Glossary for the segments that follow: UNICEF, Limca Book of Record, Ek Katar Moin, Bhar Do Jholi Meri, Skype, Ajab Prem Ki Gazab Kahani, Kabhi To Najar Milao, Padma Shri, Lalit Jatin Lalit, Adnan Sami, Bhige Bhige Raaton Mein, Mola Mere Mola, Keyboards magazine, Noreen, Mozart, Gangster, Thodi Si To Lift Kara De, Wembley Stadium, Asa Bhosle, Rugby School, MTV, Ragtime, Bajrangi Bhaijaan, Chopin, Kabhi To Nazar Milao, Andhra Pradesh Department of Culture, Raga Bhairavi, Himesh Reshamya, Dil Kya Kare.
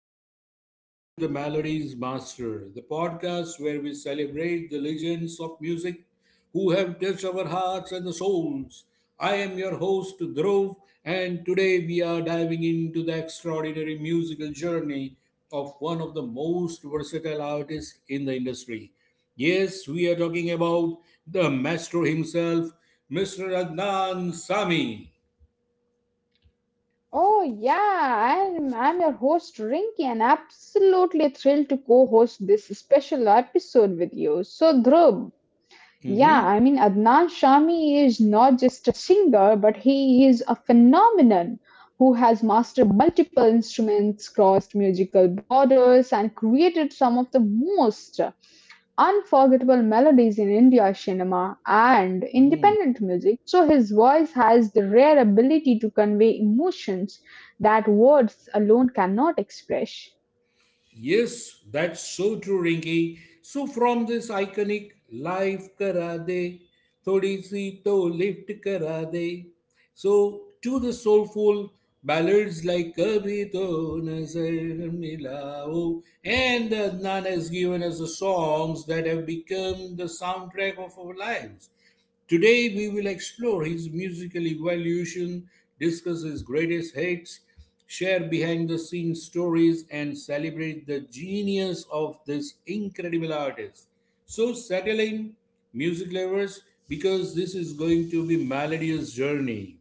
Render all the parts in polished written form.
and welcome back to the Melodies Master, the podcast where we celebrate the legends of music who have touched our hearts and the souls. I am your host, Dhruv, and today we are diving into the extraordinary musical journey of one of the most versatile artists in the industry. Yes, we are talking about the maestro himself, Mr. Adnan Sami. Oh yeah, I'm your host Rinky and absolutely thrilled to co-host this special episode with you. So Dhruv, Mhm. Adnan Shami is not just a singer, but he is a phenomenon who has mastered multiple instruments, crossed musical borders, and created some of the most unforgettable melodies in India cinema and independent music. So his voice has the rare ability to convey emotions that words alone cannot express. Yes, that's so true, Rinki. So from this iconic life kara de, thodi si to lift kara de. So to the soulful ballads like Kabhi To Nazar Milao and Adnan has given us the songs that have become the soundtrack of our lives. Today, we will explore his musical evolution, discuss his greatest hits, share behind the scenes stories, and celebrate the genius of this incredible artist. So, settle in, music lovers, because this is going to be Melodious Journey.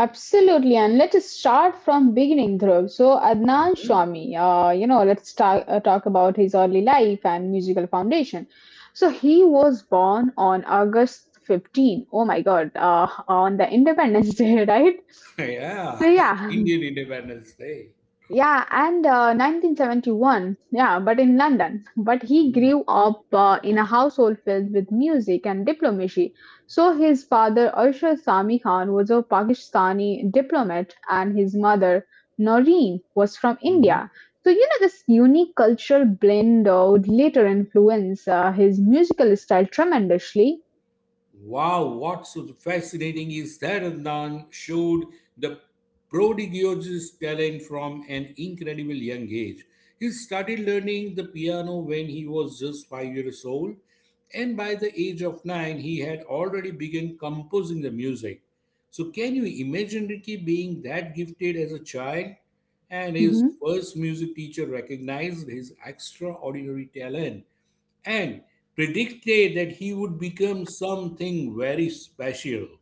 Absolutely, and let us start from beginning, Dhruv. So Adnan Mhm. Shami, let's talk, talk about his early life and musical foundation. So he was born on August 15. Oh my God, on the Independence Day, right? Yeah, So yeah, Indian Independence Day. yeah, and 1971, yeah, but in London. But he grew up in a household filled with music and diplomacy. So his father, Arshad Sami Khan, was a Pakistani diplomat, and his mother, Noreen, was from Mhm. India. So, you know, this unique cultural blend would later influence his musical style tremendously. Wow, what's so fascinating is that Adnan showed the prodigious talent from an incredible young age. He started learning the piano when he was just 5 years old, and by the age of nine, he had already begun composing the music. So, can you imagine Ricky being that gifted as a child? And his Mm-hmm. first music teacher recognized his extraordinary talent and predicted that he would become something very special.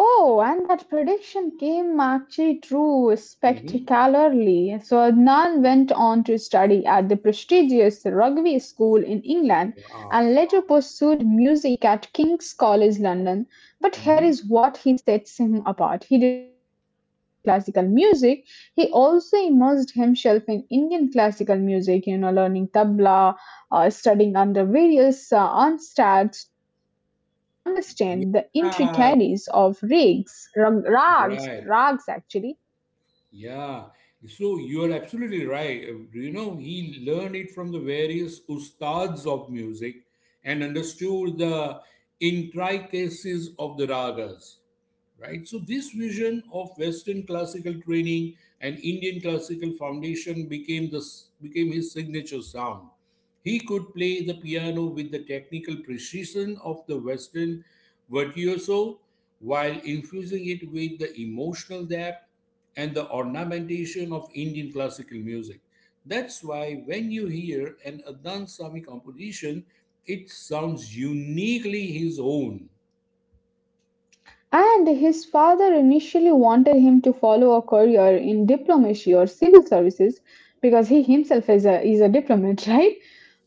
Oh, and that prediction came actually true Mhm. spectacularly. So Adnan went on to study at the prestigious rugby school in England Wow. and Wow. later pursued music at King's College London. But here Mhm. is what he sets him apart. He did not just learn Western classical music, he also immersed himself in Indian classical music, you know, learning tabla, studying under various unstats to understand the intricacies of Yeah, rags, rags right. actually. Yeah. So you're absolutely right. He learned it from the various ustads of music and understood the intricacies of the ragas, right? So this vision of Western classical training and Indian classical foundation became his signature sound. He could play the piano with the technical precision of the Western virtuoso while infusing it with the emotional depth and the ornamentation of Indian classical music. That's why when you hear an Adnan Sami composition, it sounds uniquely his own. And his father initially wanted him to follow a career in diplomacy or civil services because he himself is a diplomat, right?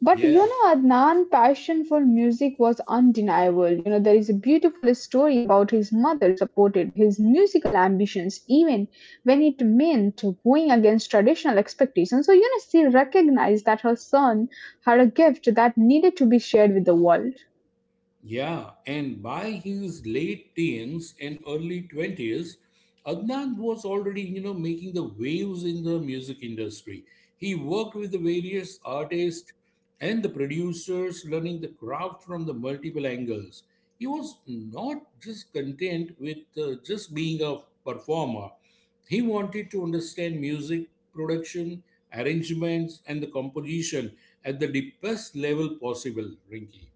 But you Yeah. know, Adnan's passion for music was undeniable. You know, there is a beautiful story about his mother supported his musical ambitions even when it meant going against traditional expectations. So, you know, she recognized that her son had a gift that needed to be shared with the world. Yeah, and by his late teens and early 20s, Adnan was already, you know, making the waves in the music industry. He worked with the various artists and the producers, learning the craft from the multiple angles. He was not just content with just being a performer. He wanted to understand music production, arrangements, and the composition at the deepest level possible, Rinky.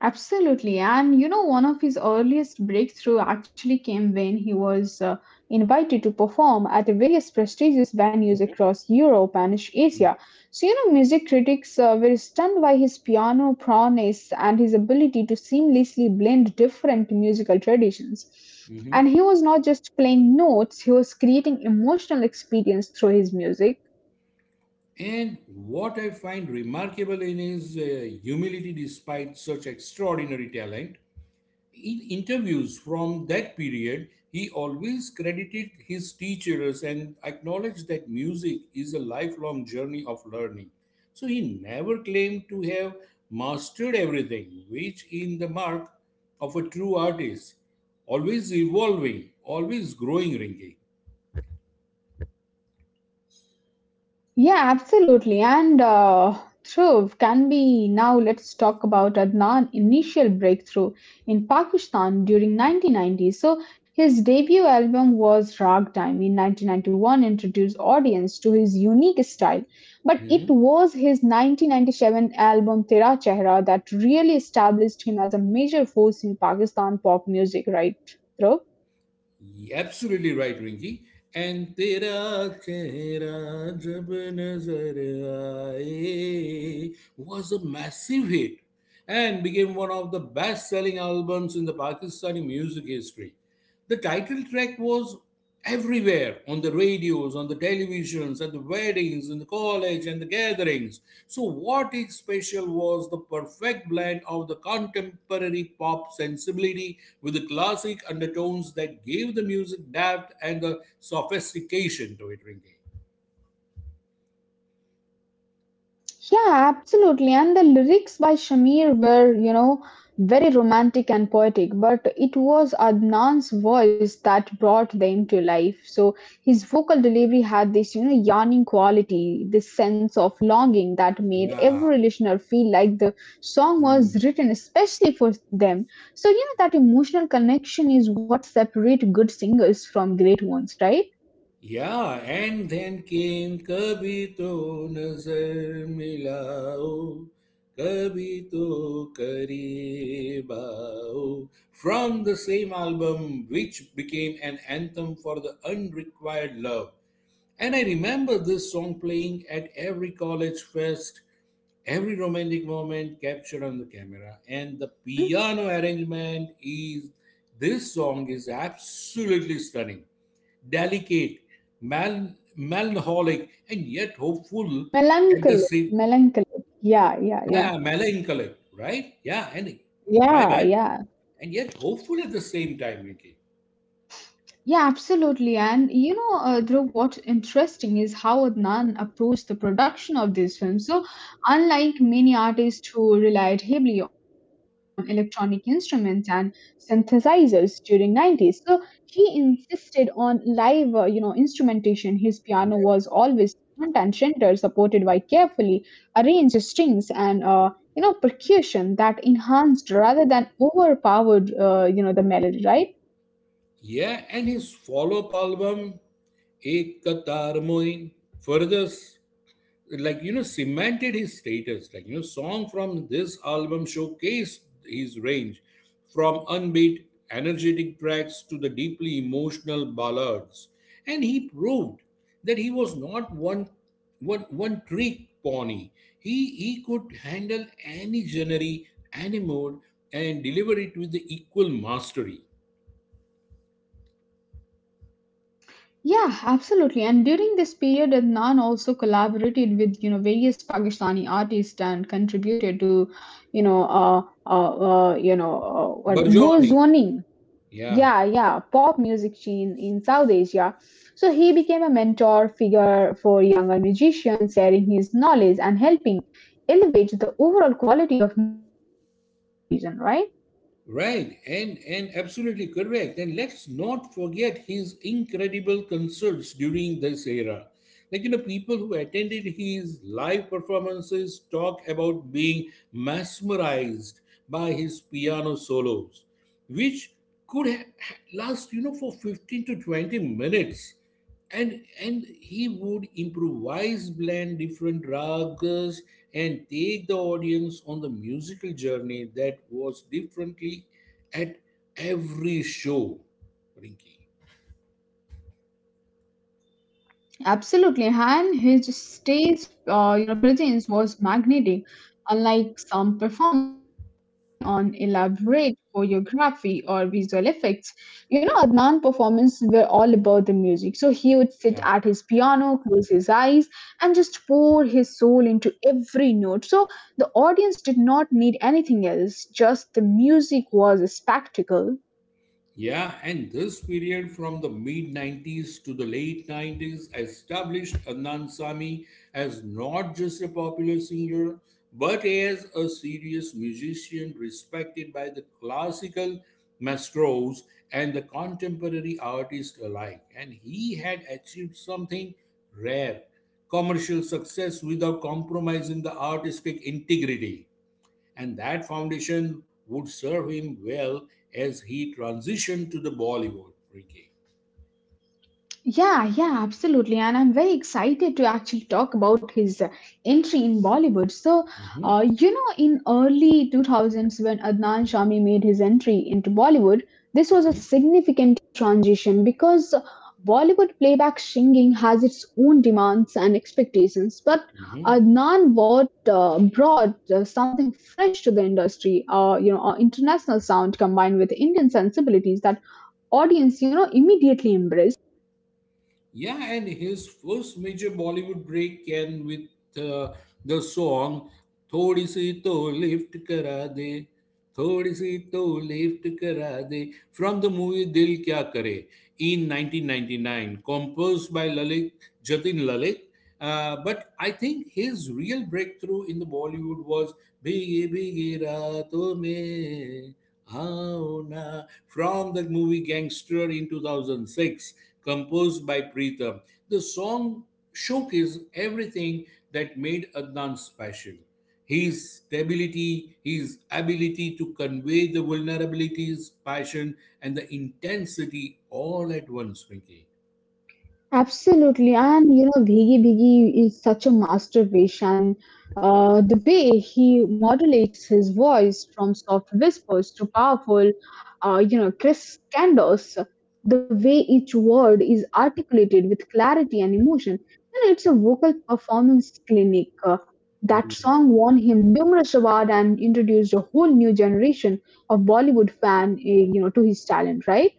Absolutely. And you know, one of his earliest breakthrough actually came when he was invited to perform at various prestigious venues Mhm. across Europe and Asia. So, you know, music critics were stunned by his piano prowess and his ability to seamlessly blend different musical traditions. Hmm. And he was not just playing notes, he was creating emotional experience through his music. And what I find remarkable in his humility despite such extraordinary talent. In interviews from that period, he always credited his teachers and acknowledged that music is a lifelong journey of learning. So he never claimed to have mastered everything, which in the mark of a true artist, always evolving, always growing, Yeah, absolutely. And true, can be now let's talk about Adnan initial breakthrough in Pakistan during 1990s. So his debut album was Ragtime in 1991 introduced audience to his unique style. But it Ringy. was his 1997 album Tera Chehra that really established him as a major force in Pakistan pop music, right? Dhruv? Yeah, absolutely right, Rinky. And Tera Chehra Jab Nazar Aaye was a massive hit and became one of the best selling albums in the Pakistani music history. The title track was everywhere on the radios, on the televisions, at the weddings, in the college, and the gatherings. So, what is special was the perfect blend of the contemporary pop sensibility with the classic undertones that gave the music depth and the sophistication to it, Ringy. Yeah, absolutely. And the lyrics by Shamir were, you know, very romantic and poetic, but it was Adnan's voice that brought them to life. So his vocal delivery had this, you know, yearning quality, this sense of longing that made Yeah. every listener feel like the song Hmm. was written especially for them. So, you know, that emotional connection is what separates good singers from great ones, right? Yeah, and then came Kabhi to nazar milao, Kabhi to kareeb aao. From the same album, which became an anthem for the unrequired love. And I remember this song playing at every college fest, every romantic moment captured on the camera, and the Mm-hmm. piano arrangement is this song is absolutely stunning delicate, melancholic, and yet hopeful at the Melancholic, same melancholic. Yeah, yeah, yeah, yeah. melancholic, right? Yeah, and my Yeah, bad, yeah. and yet hopeful at the same time, Ricky. Yeah, absolutely. And you know, Dhruv, what's interesting is how Adnan approached the production of this film. So, unlike many artists who relied heavily on electronic instruments and synthesizers during 90s, so he insisted on live instrumentation. His piano was Yeah. always front and center, supported by carefully arranged strings and percussion that enhanced rather than overpowered the melody, right? Yeah, and his follow up album, Ek Katar Moin, further like you know cemented his status like you know song from this album showcased his range from upbeat energetic tracks to the deeply emotional ballads and he proved that he was not one trick pony he could handle any genre any mode and deliver it with the equal mastery Yeah, absolutely. And during this period, Adnan also collaborated with you know various Pakistani artists and contributed to you know what burgeoning Bozwani. yeah. Yeah, yeah, pop music scene in South Asia. So he became a mentor figure for younger musicians, sharing his knowledge and helping elevate the overall quality of music production in the region, right? Right, and absolutely correct. And let's not forget his incredible concerts during this era. Like you know, people who attended his live performances talk about being mesmerized by his piano solos, which could last you know for 15 to 20 minutes and he would improvise blend different ragas and take the audience on the musical journey that was differently at every show rinky. Absolutely, and his stage, presence was magnetic, unlike some performers who rely on elaborate choreography or visual effects. You know, Adnan performances were all about the music. So he would sit at his piano, close his eyes, and just pour his soul into every note. So the audience did not need anything else; just the music was a spectacle. Yeah, and this period from the mid 90s to the late 90s established Adnan Sami as not just a popular singer but as a serious musician respected by the classical maestros and the contemporary artists alike. And he had achieved something rare commercial success without compromising the artistic integrity and that foundation would serve him well as he transitioned to the Bollywood. Ricky. Yeah, yeah, absolutely. And I'm very excited to actually talk about his entry in Bollywood. So, Mhm, in early 2000s when Adnan Shami made his entry into Bollywood, this was a mhm, significant transition because Bollywood playback singing has its own demands and expectations. But mhm. Adnan brought something fresh to the industry, international sound combined with Indian sensibilities that audience, you know, immediately embraced. Yeah, and his first major Bollywood break came with uh, the song "Thodi Si To Lift Kara De," from the movie "Dil Kya Kare" in 1999, composed by Lalit Jatin Lalit. But I think his real breakthrough in the Bollywood was "Bhige Bhige Raaton Mein." Oh, na. From the movie Gangster in 2006, composed by Preetham, the song showcases everything that made Adnan special. His stability, his ability to convey the vulnerabilities, passion, and the intensity all at once, Ricky. Absolutely, and you know, Bhigi Bhigi is such a masterpiece, and the way he modulates his voice from soft whispers to powerful, crisp candos, the way each word is articulated with clarity and emotion, you know, it's a vocal performance clinic. That song won him numerous awards and introduced a whole new generation of Bollywood fan, to his talent, right?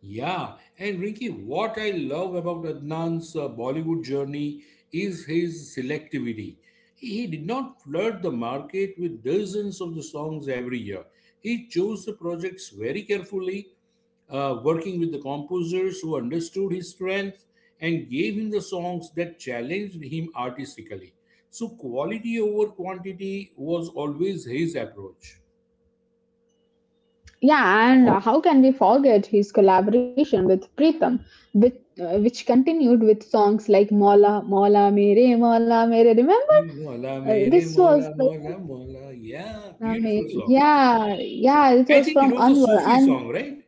Yeah, and Rinky, what I love about Adnan's Bollywood journey is his selectivity. He did not flood the market with dozens of the songs every year. He chose the projects very carefully, working with the composers who understood his strengths and gave him the songs that challenged him artistically. So, quality over quantity was always his approach. Yeah, and how can we forget his collaboration with Pritham, with, which continued with songs like Mola, Mola Mere, Mola Mere. Remember, Mola mere, this mola, was like mola, mola. Yeah, I mean, beautiful song. yeah, yeah, it I was think it from was a Anwar, Sufi and song, right?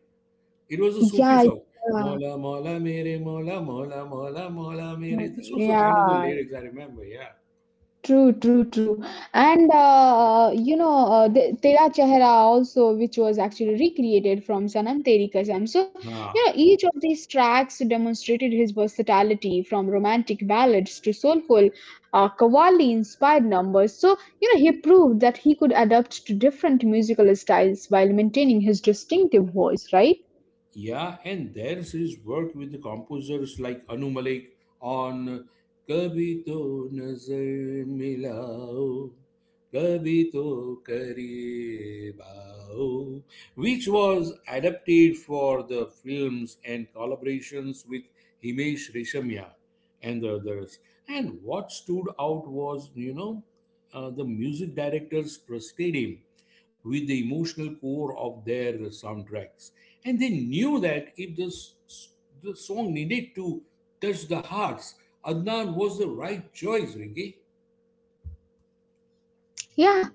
It was a Sufi yeah, song. Mola Mola Mere Mola Mola Mola Mola yeah, Mere. This was the kind of the yeah, lyrics I remember. Yeah. true, true, true. And Tera Chehra also, which was actually recreated from Sanam Teri Kasam. So, you know, Ah. each of these tracks demonstrated his versatility from romantic ballads to soulful qawwali inspired numbers. So, you know, he proved that he could adapt to different musical styles while maintaining his distinctive voice, right? Yeah, and there's his work with the composers like Anu Malik on Kabhi To Nazar Milao, Kabhi To Kareeb Aao, which was adapted for the films and collaborations with Himesh Reshamya and the others. And what stood out was, you know, the music directors trusted him with the emotional core of their soundtracks. And they knew that if the song needed to touch the hearts, Adnan was the right choice, Rinki. Yeah.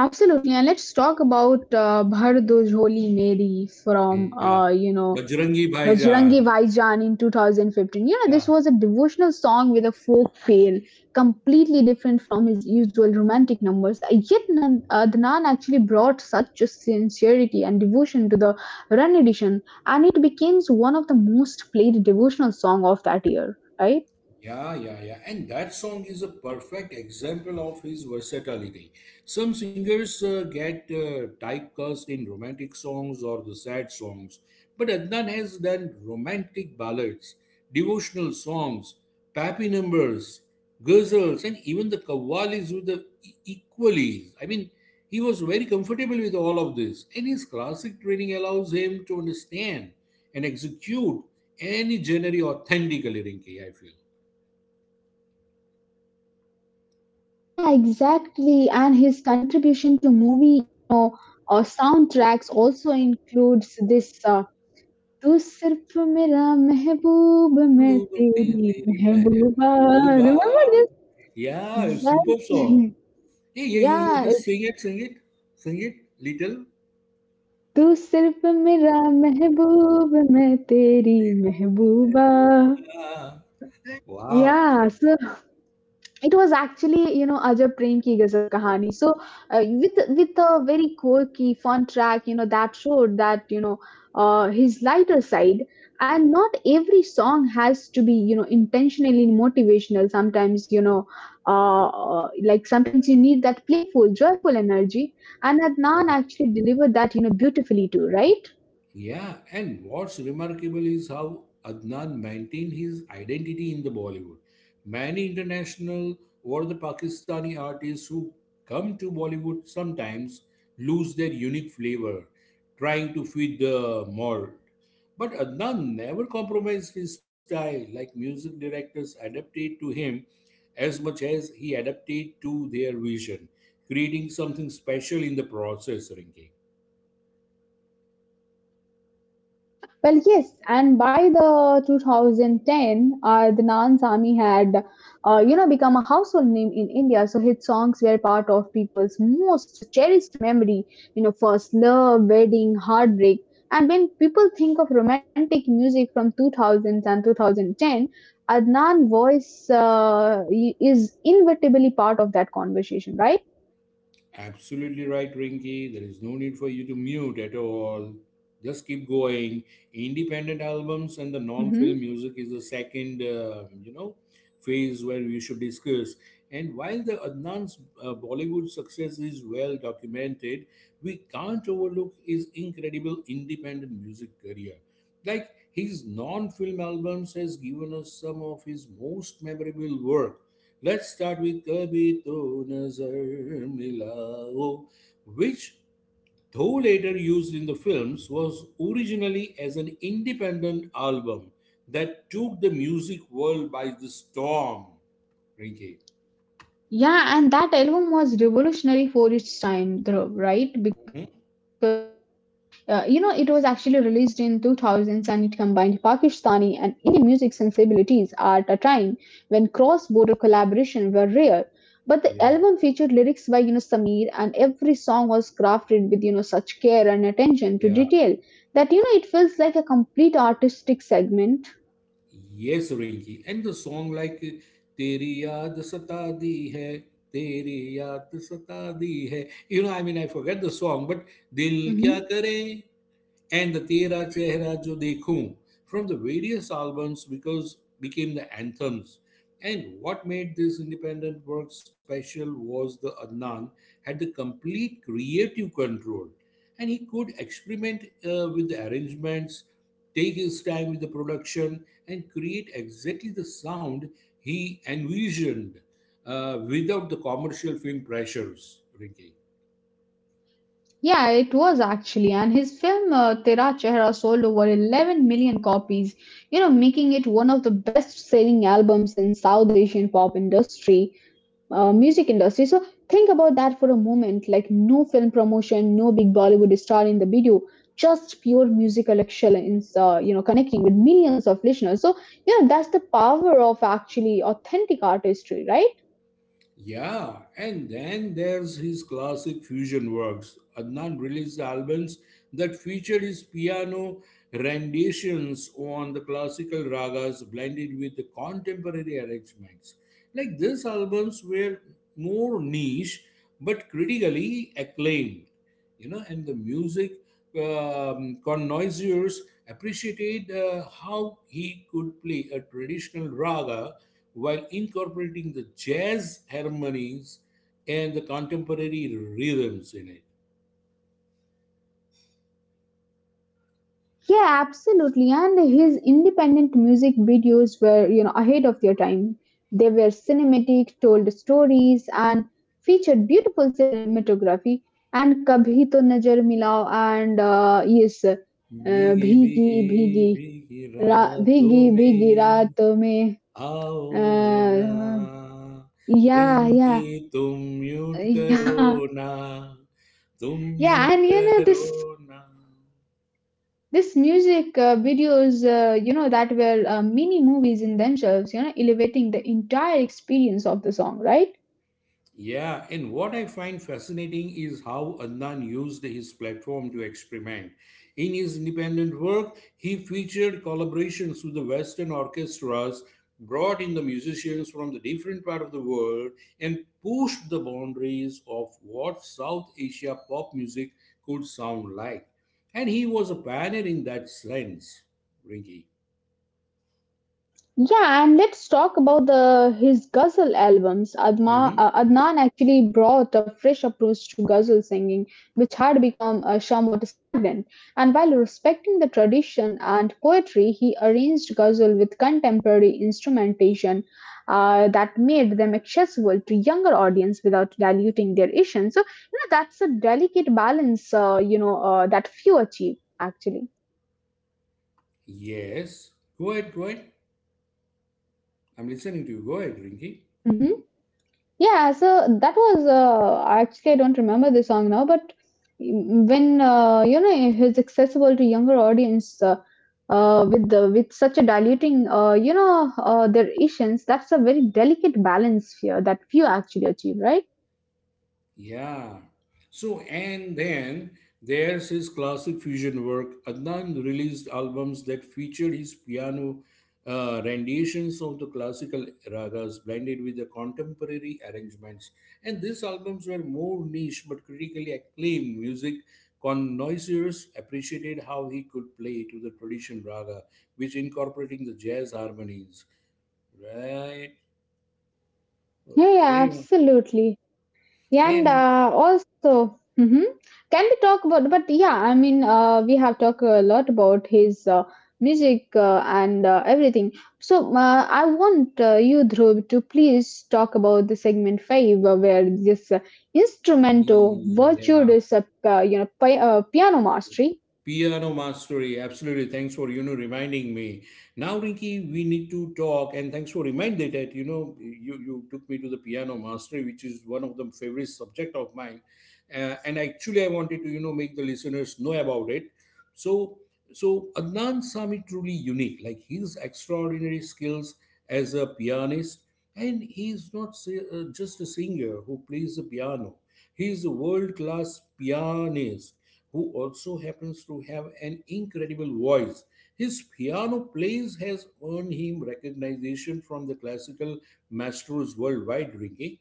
Absolutely, and let's talk about Bhar Do Jholi Meri from Yeah. You know Bajrangi Bhaijaan. Bajrangi Bhaijaan in 2015. You know, Yeah. this was a devotional song with a folk feel, completely different from his usual romantic numbers. Yet, Dhanan actually brought such a sincerity and devotion to the Run edition, and it became one of the most played devotional song of that year, right? Yeah, yeah, yeah. And that song is a perfect example of his versatility. Some singers get typecast in romantic songs or the sad songs, but Adnan has done romantic ballads, devotional songs, pappy numbers, ghazals, and even the qawwalis with the equalies. I mean, he was very comfortable with all of this, and his classic training allows him to understand and execute any genre authentically, Rinki, I feel. Oh, yeah, exactly. And his contribution to movie, you know, soundtracks also includes this. तू सिर्फ़ मेरा महबूब मैं डूबते तेरी तेरे महबूबा महबूबा. Remember this? Yeah, superb song. Exactly Hey, yeah, you yeah just sing it, sing it, sing it, little. तू सिर्फ़ मेरा महबूब मैं तेरी महबूबा महबूबा. Wow. Yeah so. It was actually, you know, Ajab Prem Ki Gazab Kahani. So, with a very quirky, fun track, you know, that showed that you know his lighter side. And not every song has to be, you know, intentionally motivational. Sometimes, you know, like sometimes you need that playful, joyful energy. And Adnan Yeah. actually delivered that, you know, beautifully too, right? Yeah, and what's remarkable is how Adnan maintained his identity in the Bollywood. Many international or the Pakistani artists who come to Bollywood sometimes lose their unique flavor, trying to fit the mold. But Adnan never compromised his style, like music directors adapted to him as much as he adapted to their vision, creating something special in the process, Rinki. Well, yes, and by the 2010, Adnan Sami had, become a household name in India. So his songs were part of people's most cherished memory. You know, first love, wedding, heartbreak. And when people think of romantic music from 2000s and 2010, Adnan voice is inevitably part of that conversation, right? Absolutely right, Rinky. There is no need for you to mute at all. Just keep going. Independent albums and the non-film music is the second, phase where we should discuss. And while the Adnan's Bollywood success is well documented, we can't overlook his incredible independent music career. Like his non-film albums has given us some of his most memorable work. Let's start with Kabhi To Nazar Milao, which, though later used in the films, was originally as an independent album that took the music world by the storm. Rinky. Yeah, and that album was revolutionary for its time, Dhruv, right? Because Mhm. You know it was actually released in 2000s and it combined Pakistani and Indian music sensibilities at a time when cross-border collaboration were rare. But the album Yeah, featured lyrics by you know Sameer, and every song was crafted with you know such care and attention to yeah. detail that you know it feels like a complete artistic segment. Yes, Rinky. And the song like Teri Yaad Sata Di Hai, Teri Yaad Sata Di Hai. You know, I mean, I forget the song, but Dil Kya Mm-hmm. Kare, and the Tera Chehra Jo Dekhu from the various albums because became the anthems. And what made this independent work special was the Adnan had the complete creative control and he could experiment with the arrangements, take his time with the production, and create exactly the sound he envisioned without the commercial film pressures. Rinki. Yeah, it was actually, and his film Tera Chehra sold over 11 million copies, you know, making it one of the best-selling albums in South Asian pop industry, music industry. So think about that for a moment, like no film promotion, no big Bollywood star in the video, just pure musical excellence, connecting with millions of listeners. So, you know, that's the power of actually authentic artistry, right? Yeah, and then there's his classic fusion works. Adnan released albums that featured his piano renditions on the classical ragas blended with the contemporary arrangements. Like these albums were more niche but critically acclaimed you know and the music connoisseurs appreciated how he could play a traditional raga while incorporating the jazz harmonies and the contemporary rhythms in it. Yeah, absolutely. And his independent music videos were, you know, ahead of their time. They were cinematic, told stories, and featured beautiful cinematography. And Kabhi To Najar Milao and भीगी Bhigi भीगी Bhigi भीगी रातों Bhigi Bhigi में Raat Mein. आओ ना Uh, yeah, Rinki yeah, तुम mute करो yeah, ना तुम yeah. Mute And you know करो this. ना. This music videos, that were mini movies in themselves, you know, elevating the entire experience of the song, right? Yeah, and what I find fascinating is how Adnan used his platform to experiment. In his independent work, he featured collaborations with the Western orchestras, brought in the musicians from the different part of the world, and pushed the boundaries of what South Asia pop music could sound like. And he was a pioneer in that sense, Rinky. Yeah, and let's talk about the his ghazal albums. Hmm. Adnan actually brought a fresh approach to ghazal singing, which had become somewhat stagnant. And while respecting the tradition and poetry, he arranged ghazal with contemporary instrumentation that made them accessible to younger audience without diluting their essence. So, you know, that's a delicate balance, that few achieve actually. Yes. Go ahead, go ahead. I'm listening to you. Go ahead, Rinky. Mm-hmm. Yeah, so that was actually I don't remember the song now, but when you know it's accessible to younger audience with with such a diluting their emotions, that's a very delicate balance here that few actually achieve, right? Yeah. So and then there's his classic fusion work. Adnan released albums that featured his piano renditions of the classical ragas blended with the contemporary arrangements. And these albums were more niche but critically acclaimed music. Connoisseurs appreciated how he could play to the tradition raga, which incorporating the jazz harmonies. Right. Yeah, yeah, Carry on. absolutely. Yeah, and And also, hmm can we talk about? But yeah, I mean, we have talked a lot about his music and everything. So I want you, Dhruv, to please talk about the segment five, where this instrumental yeah, virtuoso, piano mastery. piano mastery, absolutely. Thanks for reminding me. Now, Rinky, we need to talk, and thanks for reminding that you took me to the piano mastery, which is one of the favorite subject of mine. And actually, I wanted to make the listeners know about it. So so Adnan Sami truly unique. Like his extraordinary skills as a pianist, and he is not just a singer who plays the piano. He is a world-class pianist who also happens to have an incredible voice. His piano plays has earned him recognition from the classical maestros worldwide. Ricky,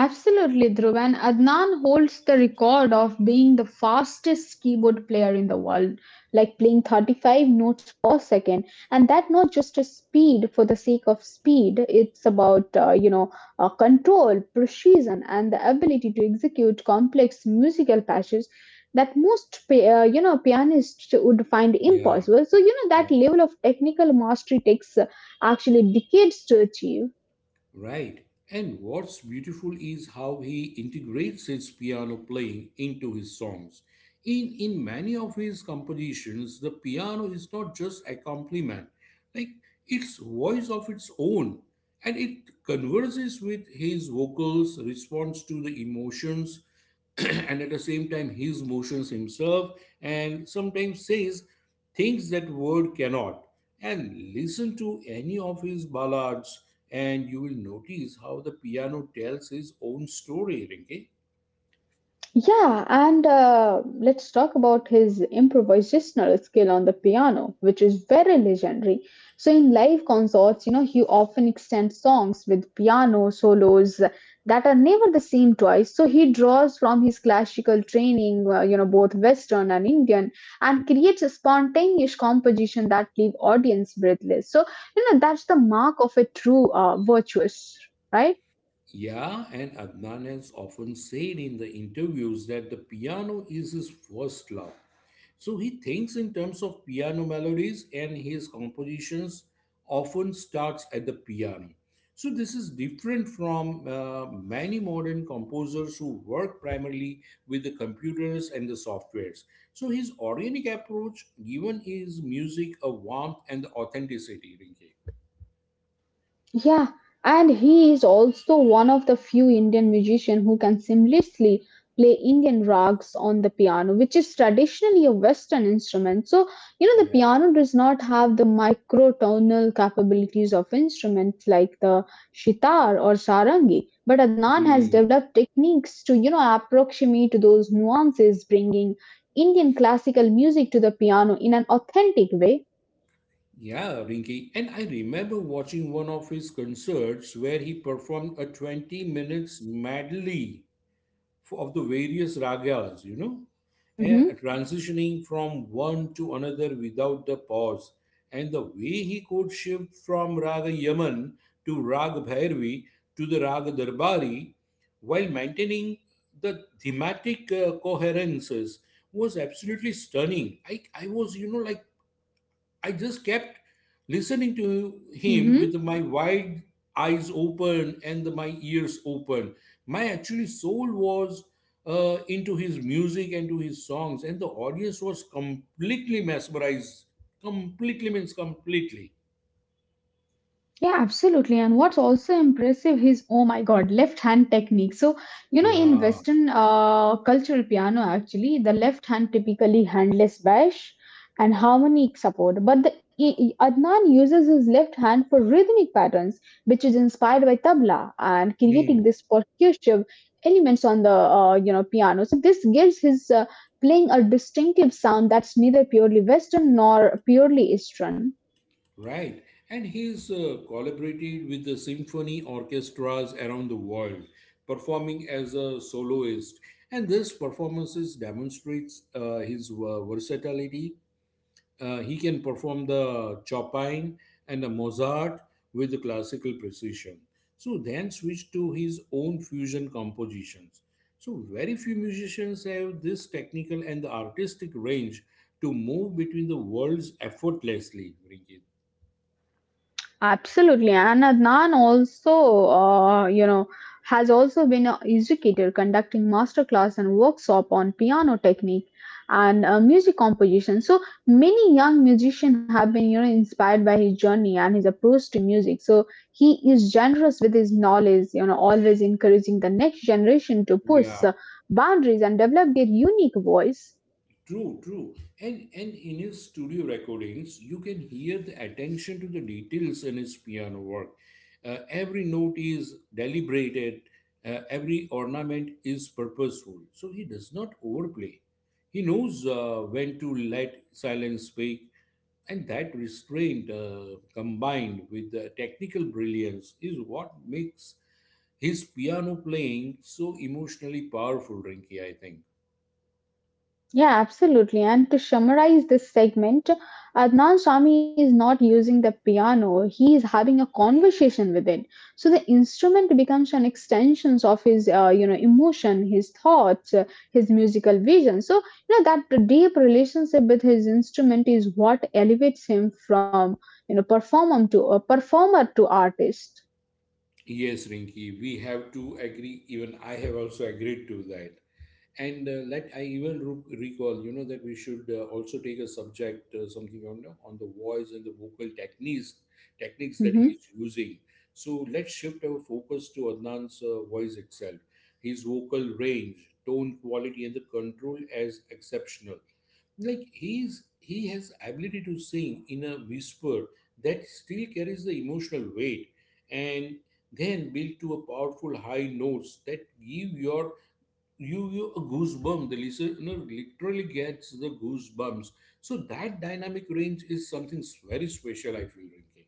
Absolutely, Dhruv. And Adnan holds the record of being the fastest keyboard player in the world, like playing 35 notes per second. And that not just a speed for the sake of speed, it's about, control, precision, and the ability to execute complex musical patches that most pianists would find yeah, impossible. So, you know, that yeah. level of technical mastery takes actually decades to achieve. Right. And what's beautiful is how he integrates his piano playing into his songs. In many of his compositions, the piano is not just accompaniment, like it's voice of its own. And it converses with his vocals, responds to the emotions, and at the same time his motions himself and sometimes says things that word cannot and listen to any of his ballads and you will notice how the piano tells his own story, Rinke. Yeah, and let's talk about his improvisational skill on the piano, which is very legendary. So, in live concerts, you know, he often extends songs with piano solos that are never the same twice. So, he draws from his classical training, you know, both Western and Indian, and creates a spontaneous composition that leave audience breathless. So, you know, that's the mark of a true virtuoso, right? Yeah, and Adnan has often said in the interviews that the piano is his first love. So he thinks in terms of piano melodies and his compositions often starts at the piano. So this is different from many modern composers who work primarily with the computers and the softwares. So his organic approach given his music a warmth and the authenticity, Rinke. Yeah, and he is also one of the few Indian musicians who can seamlessly play Indian rags on the piano, which is traditionally a Western instrument. So, you know, the Yeah. piano does not have the microtonal capabilities of instruments like the sitar or sarangi, but Adnan has Hmm. developed techniques to, you know, approximate those nuances, bringing Indian classical music to the piano in an authentic way. Yeah, Rinki. And I remember watching one of his concerts where he performed a 20-minute minutes medley for, of the various ragas, you know, and Hmm. transitioning from one to another without the pause. And the way he could shift from Raga Yaman to Raga Bhairavi to the Raga Darbari while maintaining the thematic coherences was absolutely stunning. I was, you know, like I just kept listening to him with my wide eyes open and my ears open. My actually soul was into his music and to his songs, and the audience was completely mesmerized. Completely means completely. Yeah, absolutely. And what's also impressive is, oh my God, left hand technique. So, you know, in Yeah. Western cultural piano, actually, the left hand typically handles bass and harmonic support. But Adnan uses his left hand for rhythmic patterns, which is inspired by tabla and creating Hmm. this percussive elements on the, you know, piano. So this gives his playing a distinctive sound that's neither purely Western nor purely Eastern. Right, and he's collaborated with the symphony orchestras around the world, performing as a soloist. And this performances demonstrates his versatility. He can perform the Chopin and the Mozart with the classical precision. So then switch to his own fusion compositions. So very few musicians have this technical and the artistic range to move between the worlds effortlessly. Rinki. Absolutely, and Adnan also, you know, has also been an educator conducting masterclass and workshop on piano technique and music composition. So many young musicians have been, you know, inspired by his journey and his approach to music. So he is generous with his knowledge, you know, always encouraging the next generation to push Yeah. Boundaries and develop their unique voice. True, true. And in his studio recordings, you can hear the attention to the details in his piano work. Every note is deliberated. Every ornament is purposeful. So he does not overplay. He knows when to let silence speak, and that restraint, combined with the technical brilliance, is what makes his piano playing so emotionally powerful. Rinky, I think. Yeah, absolutely. And to summarize this segment Adnan Sami is not using the piano, he is having a conversation with it. So the instrument becomes an extension of his you know emotion, his thoughts, his musical vision. So you know that deep relationship with his instrument is what elevates him from you know performer to a performer to artist. Yes, Rinki, we have to agree. Even I have also agreed to that. And let I even recall, you know, that we should also take a subject, something on on the voice and the vocal techniques, techniques that he Mhm. is using. So let's shift our focus to Adnan's voice itself, his vocal range, tone quality, and the control as exceptional like he has ability to sing in a whisper that still carries the emotional weight and then build to a powerful high notes that give your you a goosebump the listener literally gets the goosebumps so that dynamic range is something very special I feel, Rinki.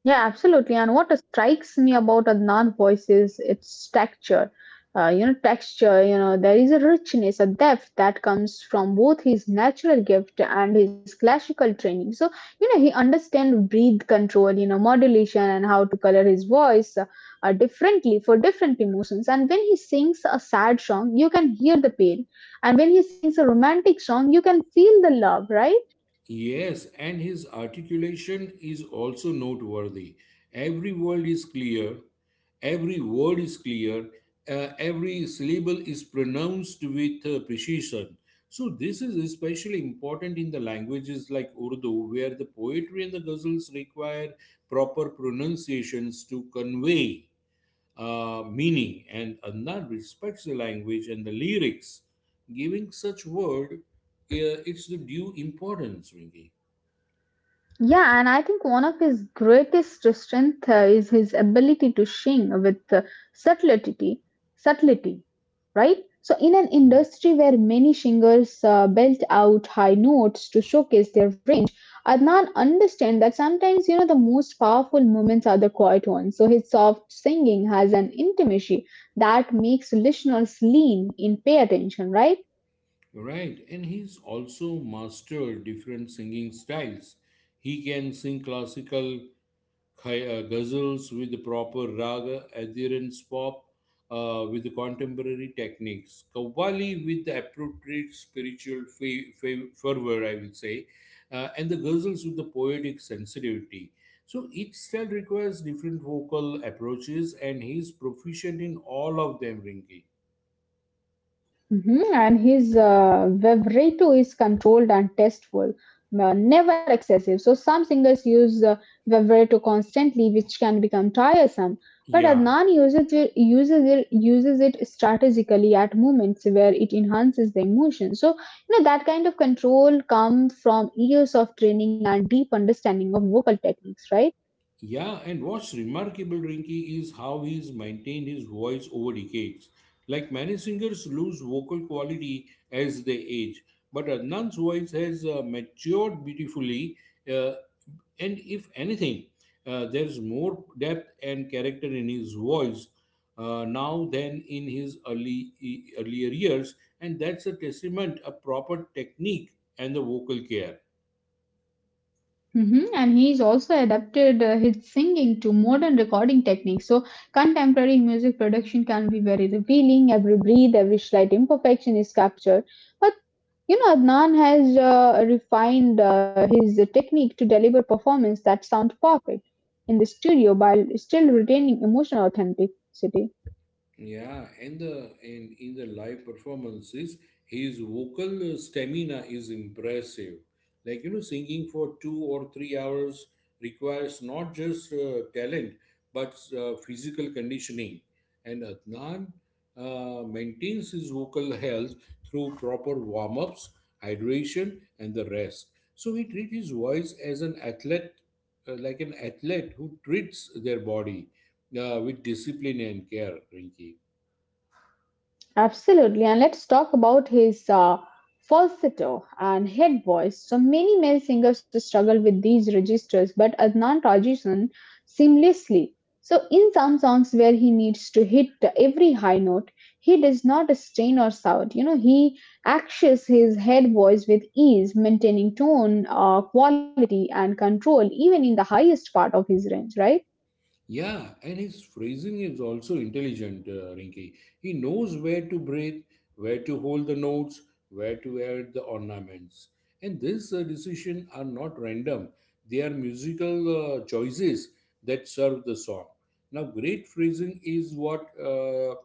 Yeah, absolutely. And what strikes me about Adnan voice is its texture. You know, texture, you know, there is a richness, a depth that comes from both his natural gift and his classical training. So, you know, he understands breath control, you know, modulation and how to color his voice differently for different emotions. And when he sings a sad song, you can hear the pain. And when he sings a romantic song, you can feel the love, right? Yes, and his articulation is also noteworthy. Every word is clear, every word is clear, every syllable is pronounced with precision. So, this is especially important in the languages like Urdu, where the poetry and the ghazals require proper pronunciations to convey meaning, and Adnan respects the language and the lyrics, giving such word it's the due importance, Rinki. Yeah, and I think one of his greatest strength is his ability to sing with subtlety, subtlety, right? So, in an industry where many singers belt out high notes to showcase their range, Adnan understands that sometimes you know the most powerful moments are the quiet ones. So, his soft singing has an intimacy that makes listeners lean in, pay attention, right? Right, and he's also mastered different singing styles. He can sing classical ghazals with proper raga, adherence pop with contemporary techniques, qawwali with the appropriate spiritual fervor, I will say, and the ghazals with the poetic sensitivity. So each style requires different vocal approaches, and he's proficient in all of them, Rinki. Mhm. And his vibrato is controlled and tasteful, never excessive. So some singers use vibrato constantly, which can become tiresome. But Yeah, Adnan uses it strategically at moments where it enhances the emotion. So you know that kind of control comes from years of training and deep understanding of vocal techniques, right? Yeah, and what's remarkable, Rinky, is how he's maintained his voice over decades. Like many singers lose vocal quality as they age, but Adnan's voice has matured beautifully, uh, and if anything, there's more depth and character in his voice now than in his early earlier years, and that's a testament, a proper technique, and the vocal care. Hmm. And he's also adapted his singing to modern recording techniques. So, contemporary music production can be very revealing. Every breath, every slight imperfection is captured. But you know, Adnan has refined his technique to deliver performance that sound perfect in the studio while still retaining emotional authenticity. Yeah, and the and in the live performances, his vocal stamina is impressive. Like you know, singing for 2 or 3 hours requires not just talent but physical conditioning. And Adnan maintains his vocal health through proper warm-ups, hydration, and the rest. So he treats his voice as an athlete, like an athlete who treats their body with discipline and care. Rinki. Absolutely. And let's talk about his falsetto and head voice. So many male singers struggle with these registers, but Adnan Rajisan seamlessly. So in some songs where he needs to hit every high note, he does not strain or shout. You know, he acts his head voice with ease, maintaining tone, quality, and control even in the highest part of his range, right? Yeah, and his phrasing is also intelligent, Rinki. He knows where to breathe, where to hold the notes, where to add the ornaments. And these decisions are not random, they are musical choices that serve the song. Now, great phrasing is what uh,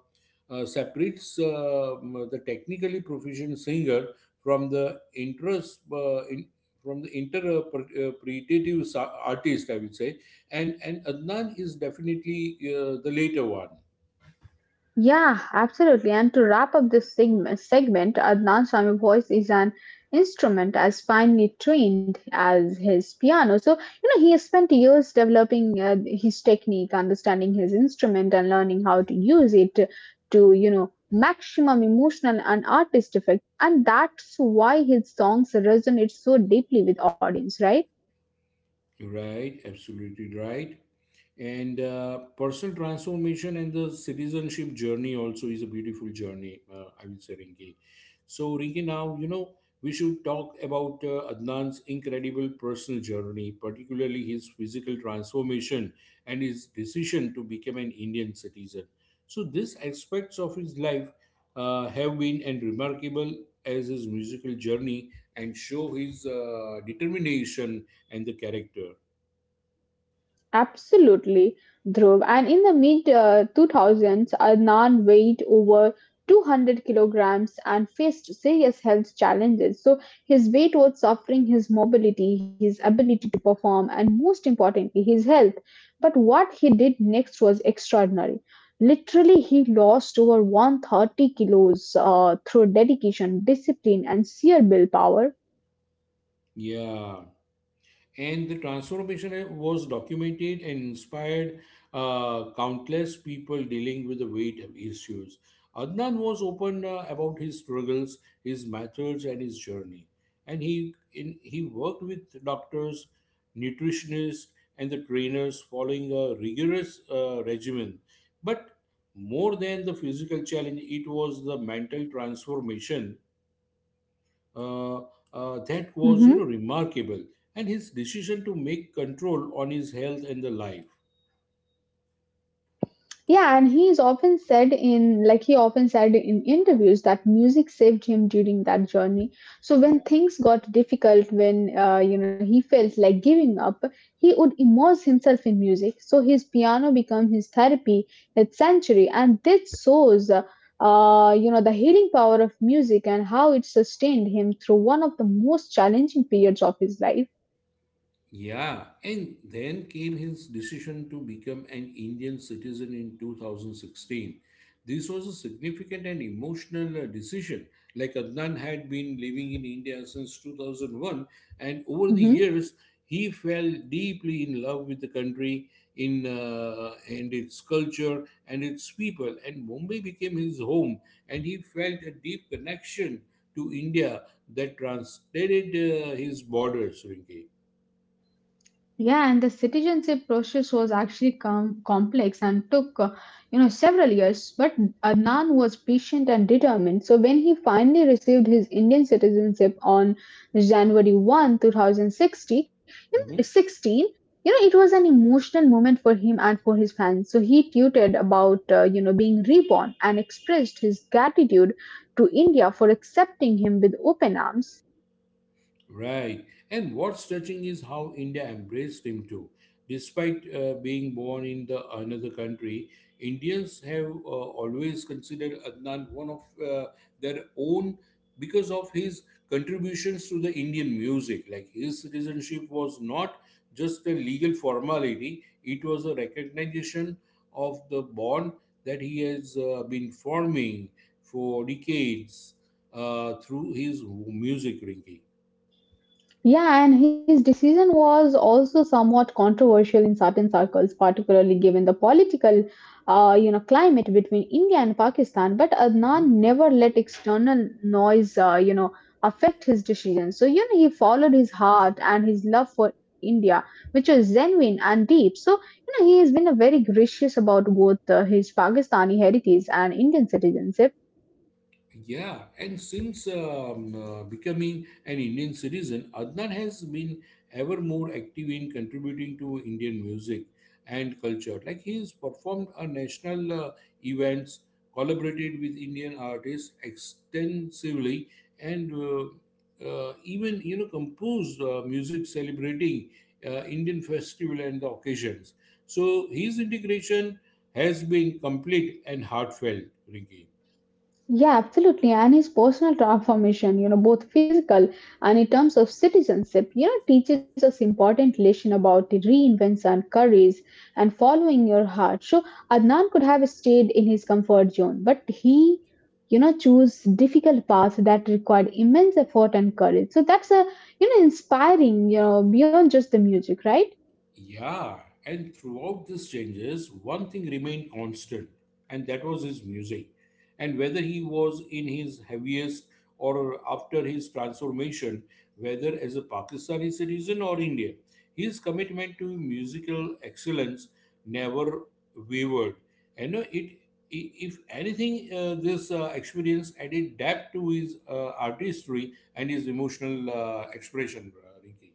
uh, separates the technically proficient singer from the from the interpretative artist, I will say and Adnan is definitely the later one. Yeah, absolutely. And to wrap up this segment, Adnan Swami voice is an instrument as finely trained as his piano. So, you know, he has spent years developing his technique, understanding his instrument, and learning how to use it to, you know, maximum emotional and artist effect. And that's why his songs resonate so deeply with audience, right? Right, absolutely right. And personal transformation and the citizenship journey also is a beautiful journey, I will say, Rinki. So Rinki, now you know we should talk about Adnan's incredible personal journey, particularly his physical transformation and his decision to become an Indian citizen. So these aspects of his life have been and remarkable as his musical journey and show his determination and the character. Absolutely, Dhruv. And in the mid 2000s, Adnan weighed over 200 kilograms and faced serious health challenges. So his weight was suffering his mobility, his ability to perform, and most importantly, his health. But what he did next was extraordinary. Literally, he lost over 130 kilos through dedication, discipline, and sheer willpower. Yeah, and the transformation was documented and inspired countless people dealing with the weight issues. Adnan was open about his struggles, his methods, and his journey. And he worked with doctors, nutritionists, and the trainers, following a rigorous regimen. But more than the physical challenge, it was the mental transformation uh, that was you know Mm-hmm. remarkable and his decision to make control on his health and the life. Yeah, and he often said in interviews, that music saved him during that journey. So when Yeah. things got difficult, when you know he felt like giving up, he would immerse himself in music. So his piano became his therapy, his sanctuary, and this shows. You know, the healing power of music and how it sustained him through one of the most challenging periods of his life. Yeah, and then came his decision to become an Indian citizen in 2016. This was a significant and emotional decision. Like Adnan had been living in India since 2001, and over the Mhm. years, he fell deeply in love with the country, in and its culture and its people. And Mumbai became his home, and he felt a deep connection to India that transcended his borders, Rinki. Yeah, and the citizenship process was actually complex and took, you know, several years. But Adnan was patient and determined. So when he finally received his Indian citizenship on January 1, 2060, you know, Mm-hmm. 16, you know, it was an emotional moment for him and for his fans. So he tweeted about, you know, being reborn and expressed his gratitude to India for accepting him with open arms. Right. And what's touching is how India embraced him too. Despite being born in the another country, Indians have always considered Adnan one of their own because of his contributions to the Indian music. Like his citizenship was not just a legal formality; it was a recognition of the bond that he has been forming for decades through his music making. Yeah, and his decision was also somewhat controversial in certain circles, particularly given the political, you know, climate between India and Pakistan. But Adnan never let external noise, you know, affect his decision. So you know, he followed his heart and his love for India, which was genuine and deep. So you know, he has been a very gracious about both his Pakistani heritage and Indian citizenship. Yeah, and since becoming an Indian citizen, Adnan has been ever more active in contributing to Indian music and culture. Like he has performed a national events, collaborated with Indian artists extensively, and even you know composed music celebrating Indian festival and the occasions. So his integration has been complete and heartfelt, Ricky. Yeah, absolutely. And his personal transformation, you know, both physical and in terms of citizenship, you know, teaches us important lesson about the reinvents and courage and following your heart. So Adnan could have stayed in his comfort zone, but he, you know, chose difficult paths that required immense effort and courage. So that's a, you know, inspiring, you know, beyond just the music, right? Yeah, and throughout these changes, one thing remained constant, and that was his music. And whether he was in his heaviest or after his transformation, whether as a Pakistani citizen or Indian, his commitment to musical excellence never wavered. And you know, it, if anything, this experience added depth to his artistry and his emotional expression, Rinki.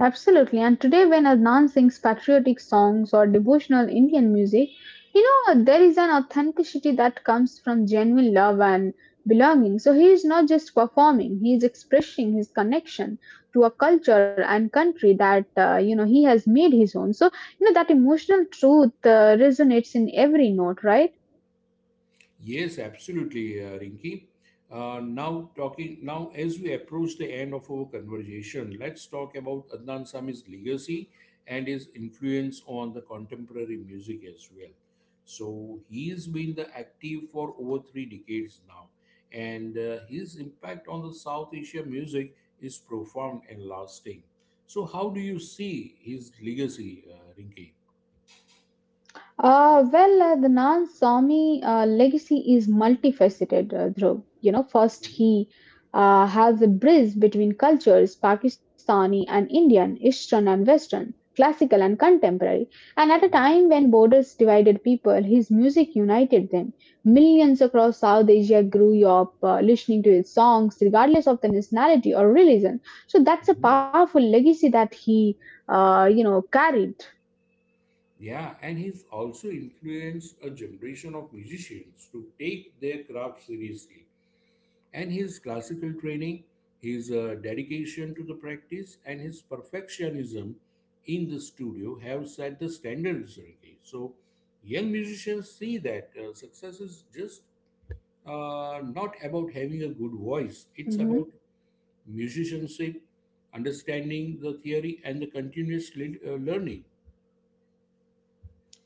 Absolutely. And today, when Adnan sings patriotic songs or devotional Indian music, you know, there is an authenticity that comes from genuine love and belonging. So he is not just performing, he is expressing his connection to a culture and country that, you know, he has made his own. So, you know, that emotional truth resonates in every note, right? Yes, absolutely, Rinki. Now as we approach the end of our conversation, let's talk about Adnan Sami's legacy and his influence on the contemporary music as well. So he's been the active for over three decades now, and his impact on the South Asia music is profound and lasting. So how do you see his legacy, Rinki? The Nan Swami legacy is multifaceted, Dhruv. You know, first he has a bridge between cultures, Pakistani and Indian, Eastern and Western, classical and contemporary. And at a time when borders divided people, his music united them. Millions across South Asia grew up listening to his songs, regardless of the nationality or religion. So that's a powerful legacy that he, you know, carried. Yeah, and he's also influenced a generation of musicians to take their craft seriously. And his classical training, his dedication to the practice, and his perfectionism in the studio have set the standards. Sergey. So, young musicians see that success is just not about having a good voice, it's Mm-hmm. about musicianship, understanding the theory, and the continuous learning.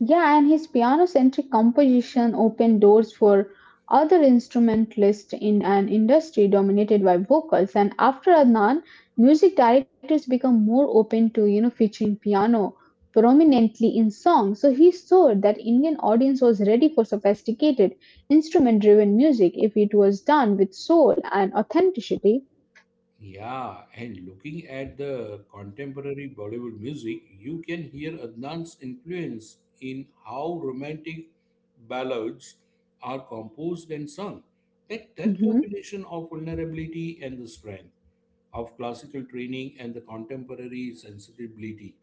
Yeah, and his piano-centric composition opened doors for other instrumentalists in an industry dominated by vocals. And after Adnan, music directors become more open to you know featuring piano prominently in songs. So he saw that Indian audience was ready for sophisticated instrument-driven music if it was done with soul and authenticity. Yeah, and looking at the contemporary Bollywood music, you can hear Adnan's influence in how romantic ballads are composed and sung. That Mm-hmm. combination of vulnerability and the strength of classical training and the contemporary sensibility.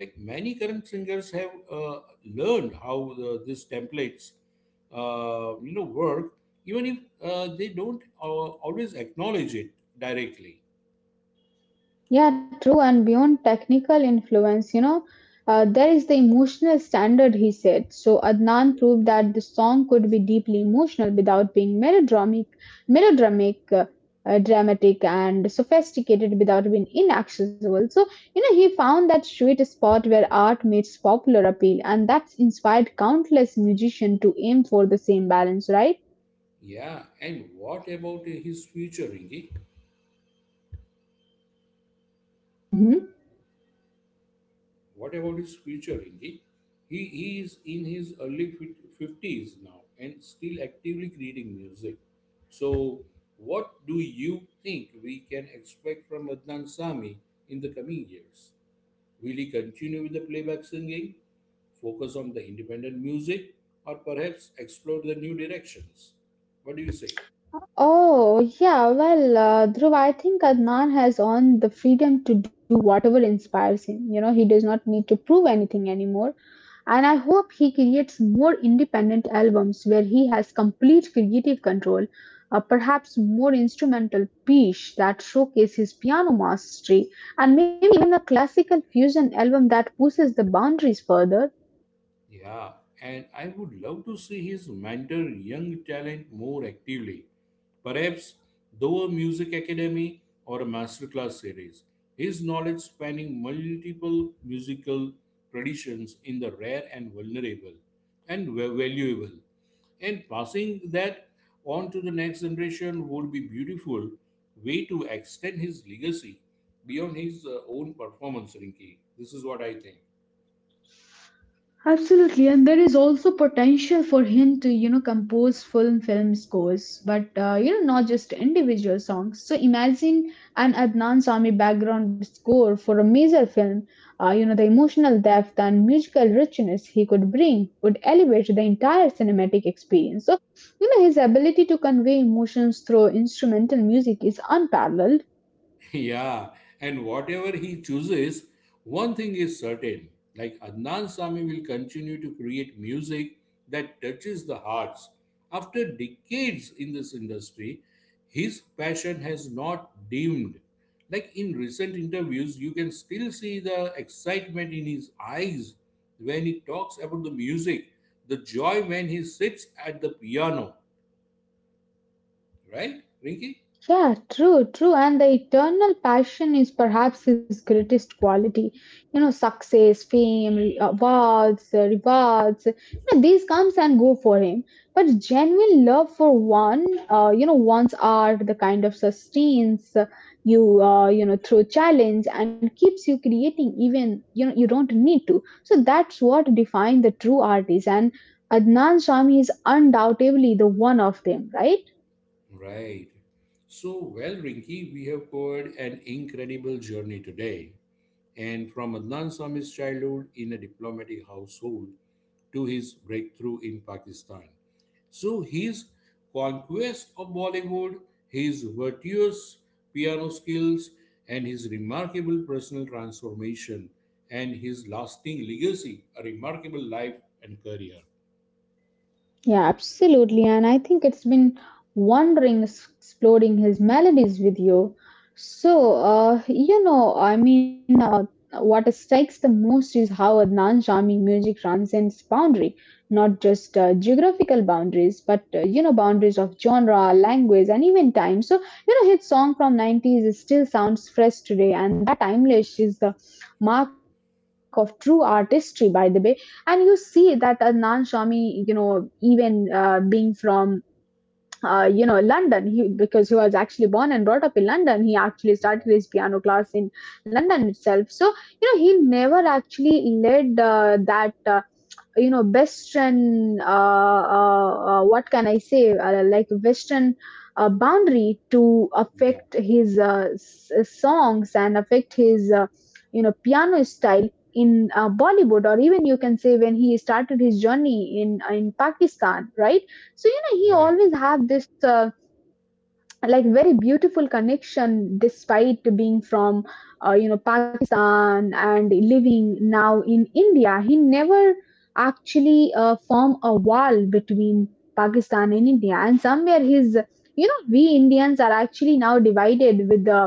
Like many current singers have learned how these templates, work, even if they don't always acknowledge it directly. Yeah, true. And beyond technical influence, you know, there is the emotional standard, he said. So Adnan proved that the song could be deeply emotional without being melodramic, uh, dramatic, and sophisticated without being inaccessible. So, you know, he found that sweet spot where art meets popular appeal, and that's inspired countless musicians to aim for the same balance, right? Yeah, and what about his future, Ingi? Mm-hmm. What about his future, Ingi? He is in his early 50s now and still actively creating music. So, what do you think we can expect from Adnan Sami in the coming years? Will he continue with the playback singing, focus on the independent music, or perhaps explore the new directions? What do you say? Oh, yeah, well, Dhruv, I think Adnan has on the freedom to do whatever inspires him. You know, he does not need to prove anything anymore. And I hope he creates more independent albums where he has complete creative control, perhaps more instrumental piece that showcase his piano mastery, and maybe even a classical fusion album that pushes the boundaries further. Yeah, and I would love to see his mentor young talent more actively. Perhaps through a music academy or a masterclass series. His knowledge spanning multiple musical traditions in the rare and vulnerable and valuable. And passing that on to the next generation would be beautiful way to extend his legacy beyond his own performance, Rinki. This is what I think. Absolutely, and there is also potential for him to, compose full film scores, but not just individual songs. So imagine an Adnan Sami background score for a major film. The emotional depth and musical richness he could bring would elevate the entire cinematic experience. So, his ability to convey emotions through instrumental music is unparalleled. Yeah, and whatever he chooses, one thing is certain like Adnan Sami will continue to create music that touches the hearts. After decades in this industry, his passion has not dimmed. Like in recent interviews, you can still see the excitement in his eyes when he talks about the music, the joy when he sits at the piano, right, Rinki? Yeah, true, true. And the eternal passion is perhaps his greatest quality. Success, fame, awards, rewards, these comes and go for him. But genuine love for one, one's art, the kind of sustains through challenge and keeps you creating even, you don't need to. So that's what defines the true artist. And Adnan Shami is undoubtedly the one of them, right? Right. So, well, Rinky, we have covered an incredible journey today. And from Adnan Sami's childhood in a diplomatic household to his breakthrough in Pakistan. So, his conquest of Bollywood, his virtuous piano skills, and his remarkable personal transformation and his lasting legacy, a remarkable life and career. Yeah, absolutely. And I think it's been wondering exploring his melodies with you. So, I mean, what strikes the most is how Adnan charming music transcends boundary, not just geographical boundaries, but boundaries of genre, language, and even time. So his song from 90s still sounds fresh today, and that timeless is the mark of true artistry, by the way. And you see that Adnan Shami, even being from London he, because he was actually born and brought up in London. He actually started his piano class in London itself. So he never actually led that western what can I say, like western boundary to Yeah, affect his songs and affect his piano style in Bollywood, or even you can say when he started his journey in Pakistan, right? So he right. always have this like very beautiful connection. Despite being from Pakistan and living now in India, he never actually form a wall between Pakistan and India. And somewhere his we Indians are actually now divided with the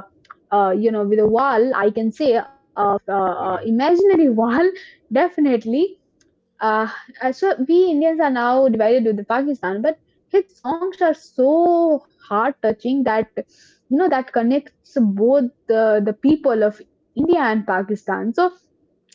with a wall I can say of Yeah, imaginary wall, definitely. uh, so we Indians are now divided with the Pakistan, but his songs are so heart touching that that connects both the people of India and Pakistan. So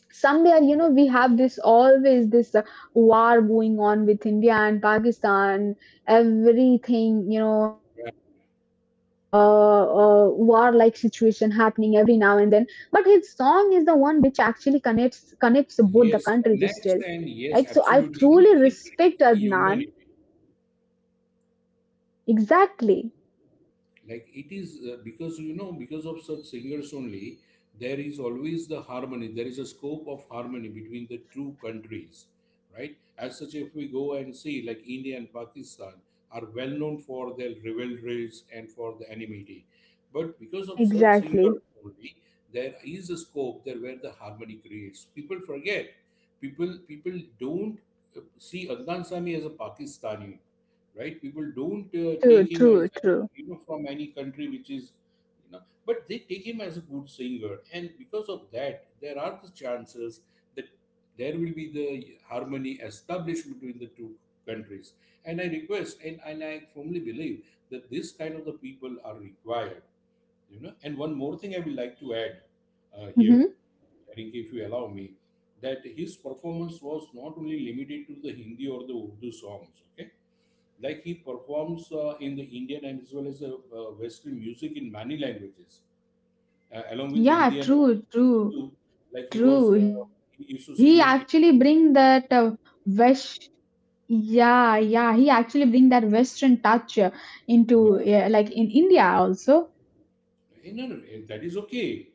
somewhere right. we have this always this war going on with India and Pakistan, everything Right. uh, war like situation happening every now and then. But his song is the one which actually connects both the countries still. Yes, Like, connects so and I yes, truly absolutely. respect It creates Adnan. the humanity. Exactly. Like it is because you know because of such singers only there is always the harmony there is a scope of harmony between the two countries right as such if we go and see like India and Pakistan are well known for their rivalries and for the enmity but because of such Exactly. singers only there is a scope there where the harmony creates people forget people don't see Adnan Sami as a Pakistani, right? People don't True, take him true, as an, true. you know from any country which is you know, but they take him as a good singer, and because of that, there are the chances that there will be the harmony established between the two countries. And I request, and I firmly believe that this kind of the people are required, you know. And one more thing I would like to add Hmm. here, I think if you allow me, that his performance was not only limited to the Hindi or the Urdu songs, okay? Like he performs in the Indian and as well as Western music in many languages, along with Yeah, Hindi and true, true, Urdu. Like he true. was, He he actually used to sing bring in that English. wish. Yeah, yeah, he actually bring that Western touch into, yeah, Yeah. like in India also. Eh, no, no, eh, that is okay.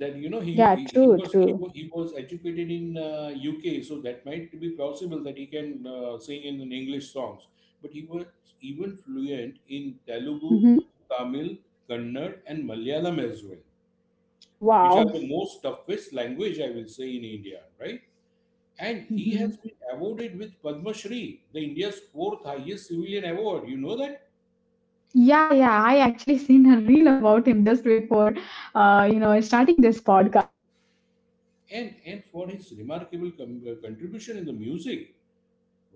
That you know Yeah, true, true. He was educated in UK, so that might be possible that he can sing in an English songs. But he was even fluent in Telugu, Hmm. Tamil, Kannada, and Malayalam as well, which are Wow. the most toughest language, I will say, in India, right? And he Hmm. has been awarded with Padma Shri, the India's fourth highest civilian award. You know that? Yeah, yeah, I actually seen a reel about him just before, uh, starting this podcast. And for his remarkable contribution in the music,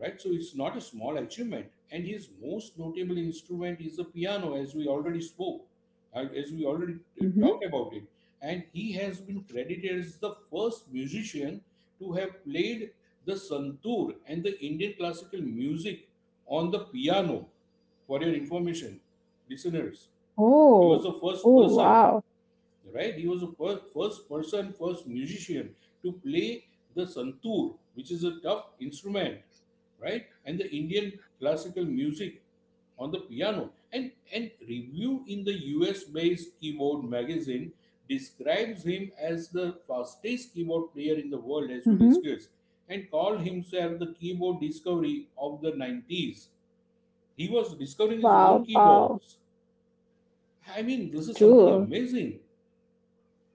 right? So it's not a small achievement. And his most notable instrument is the piano, as we already spoke, as we already Hmm. talked about it. And he has been credited as the first musician to have played the santoor and the Indian classical music on the piano. For your information, listeners, he was Oh, the first oh, person, wow. right? He was first person, first musician to play the santoor, which is a tough instrument, right? And the Indian classical music on the piano. And review in the US-based keyboard magazine describes him as the fastest keyboard player in the world, as we Hmm. discussed, and called himself the keyboard discovery of the 90s. He was discovering his own Wow, wow. keyboards. I mean, this is something True. amazing.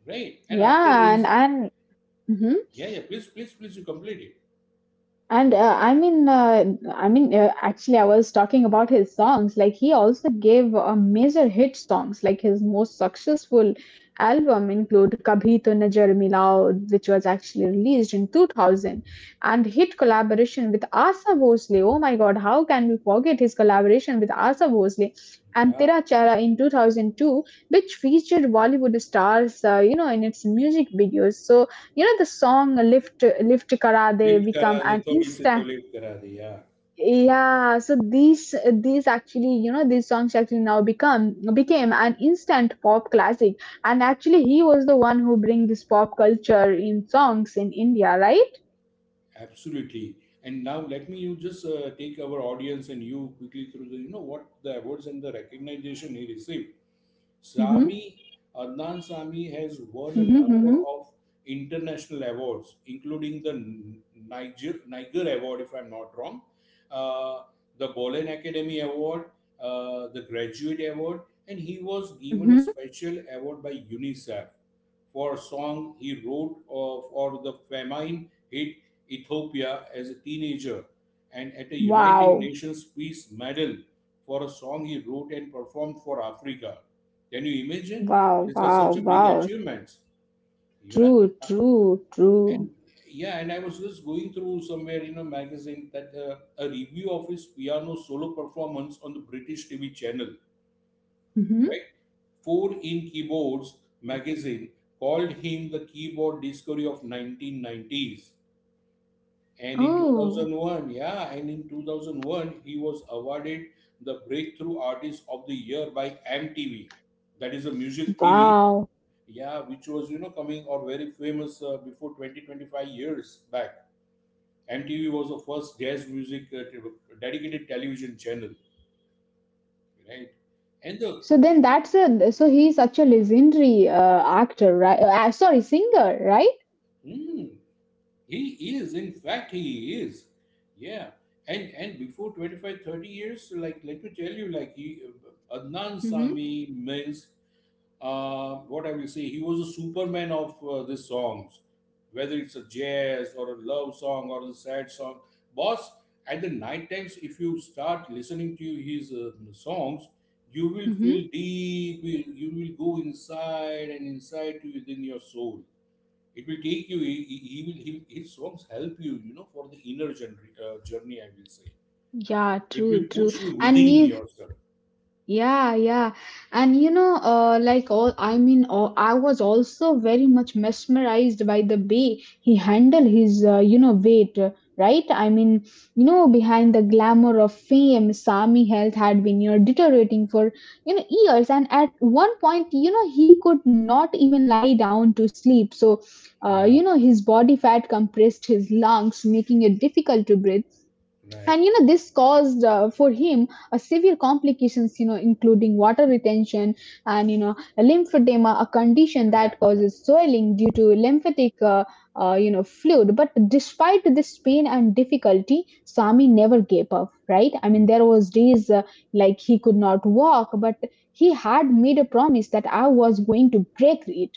Right. And after Yeah, raise, and mhm. yeah, please, you complete it. And I mean, actually, I was talking about his songs. Like he also gave major hit songs. Like his most successful album include "Kabhi To Najar Milao," which was actually released in 2000, and hit collaboration with Asa Bhosle. Oh my God, how can we forget his collaboration with Asa Bhosle and Yeah. "Tera Chehra" in 2002, which featured Bollywood stars, in its music videos. So the song lift karade Lift become करा दे an थोड़ी सी instant, तो lift करा दे. Yeah. yeah, so these actually these songs actually now become became an instant pop classic. And actually he was the one who bring this pop culture in songs in India, right? Absolutely. And now let me you just take our audience and you quickly through the, you know, what the awards and the recognition he received. Mm-hmm, Sami Adnan Sami has won a mm-hmm, number mm-hmm, of international awards, including the Niger Award, if I'm not wrong, uh, the Bolen Academy Award, the Graduate Award, and he was given a mm-hmm. special award by UNICEF for a song he wrote for the famine hit Ethiopia as a teenager, and at a United Wow, Nations Peace Medal for a song he wrote and performed for Africa. Can you imagine? wow, These are wow, such a big wow. achievements, you know. True, true, true. And yeah, and I was just going through somewhere in a magazine that a review of his piano solo performance on the British TV channel, Mm-hmm. right? Four in Keyboards magazine called him the keyboard discovery of 1990s. And in Oh, 2001, he was awarded the Breakthrough Artist of the Year by MTV. That is a music TV, wow. yeah, which was, you know, coming or very famous before 20, 25 years back. MTV was the first jazz music dedicated television channel, right? And the, So then that's a, so he's such a legendary actor, right? Sorry, singer, right? hmm, he is, in fact, he is. Yeah. And before 25, 30 years, like, let me tell you, like, Adnan Mm-hmm. Sami Mills, what I will say, he was a superman of these songs, whether it's a jazz or a love song or a sad song. Boss, at the night times, if you start listening to his songs, you will feel Mm-hmm. deep, you will go inside and inside to within your soul it will take you his songs help you you know for the inner journey, journey I will say Yeah, it true, will true. push you And within if. yourself Yeah, yeah. And like all, I was also very much mesmerized by the way he handled his, weight, right? Behind the glamour of fame, Sami health had been, deteriorating for, years. And at one point, he could not even lie down to sleep. So, yeah his body fat compressed his lungs, making it difficult to breathe. right right. And this caused for him a severe complications, including water retention and lymphedema, a condition yeah that yeah yeah, causes yeah. swelling due to lymphatic fluid. But despite this pain and difficulty, Swami never gave up, right? I mean, there was days like he could not walk, but he had made a promise that I was going to break it,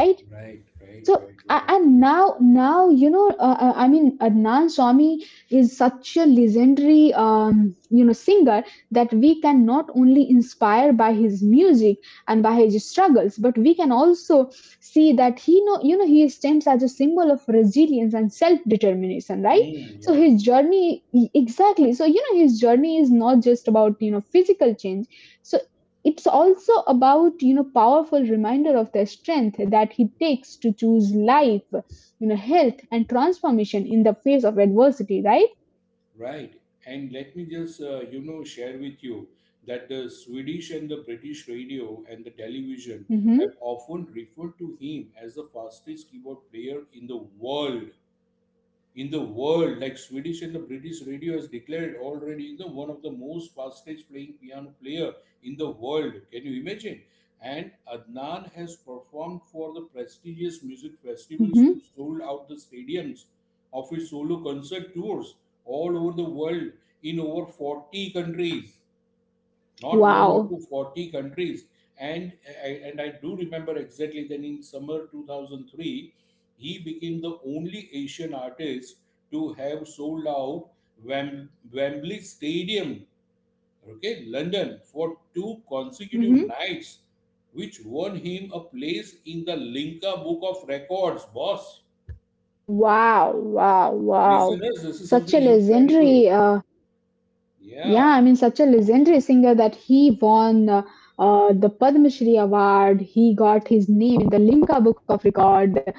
right? Right, right, So right, right, and absolutely. Now I mean Adnan Swami is such a legendary, singer that we can not only inspire by his music and by his struggles, but we can also see that he know he stands as a symbol of resilience and self determination, right? So Yeah, his journey, exactly, so his journey is not just about physical change. So it's also about powerful reminder of the strength that he takes to choose life, health and transformation in the face of adversity, right? right. And let me just, you know, share with you that the Swedish and the British radio and the television have Mm-hmm. often referred to him as the fastest keyboard player in the world. In the world, like Swedish and the British radio has declared already the one of the most fastest playing piano player in the world. Can you imagine? And Adnan has performed for the prestigious music festivals to Mm-hmm. sold out the stadiums of his solo concert tours all over the world in over 40 countries not one or Wow. two forty countries. And, and I do remember exactly then in summer 2003, he became the only Asian artist to have sold out Wembley Stadium, okay, London, for two consecutive Mm-hmm. nights, which won him a place in the Linka Book of Records, boss. Wow, wow, wow. Listeners, this is Such a something incredible. legendary yeah, Yeah. I mean, such a legendary singer that he won the Padma Shri Award. He got his name in the Limca Book of Record.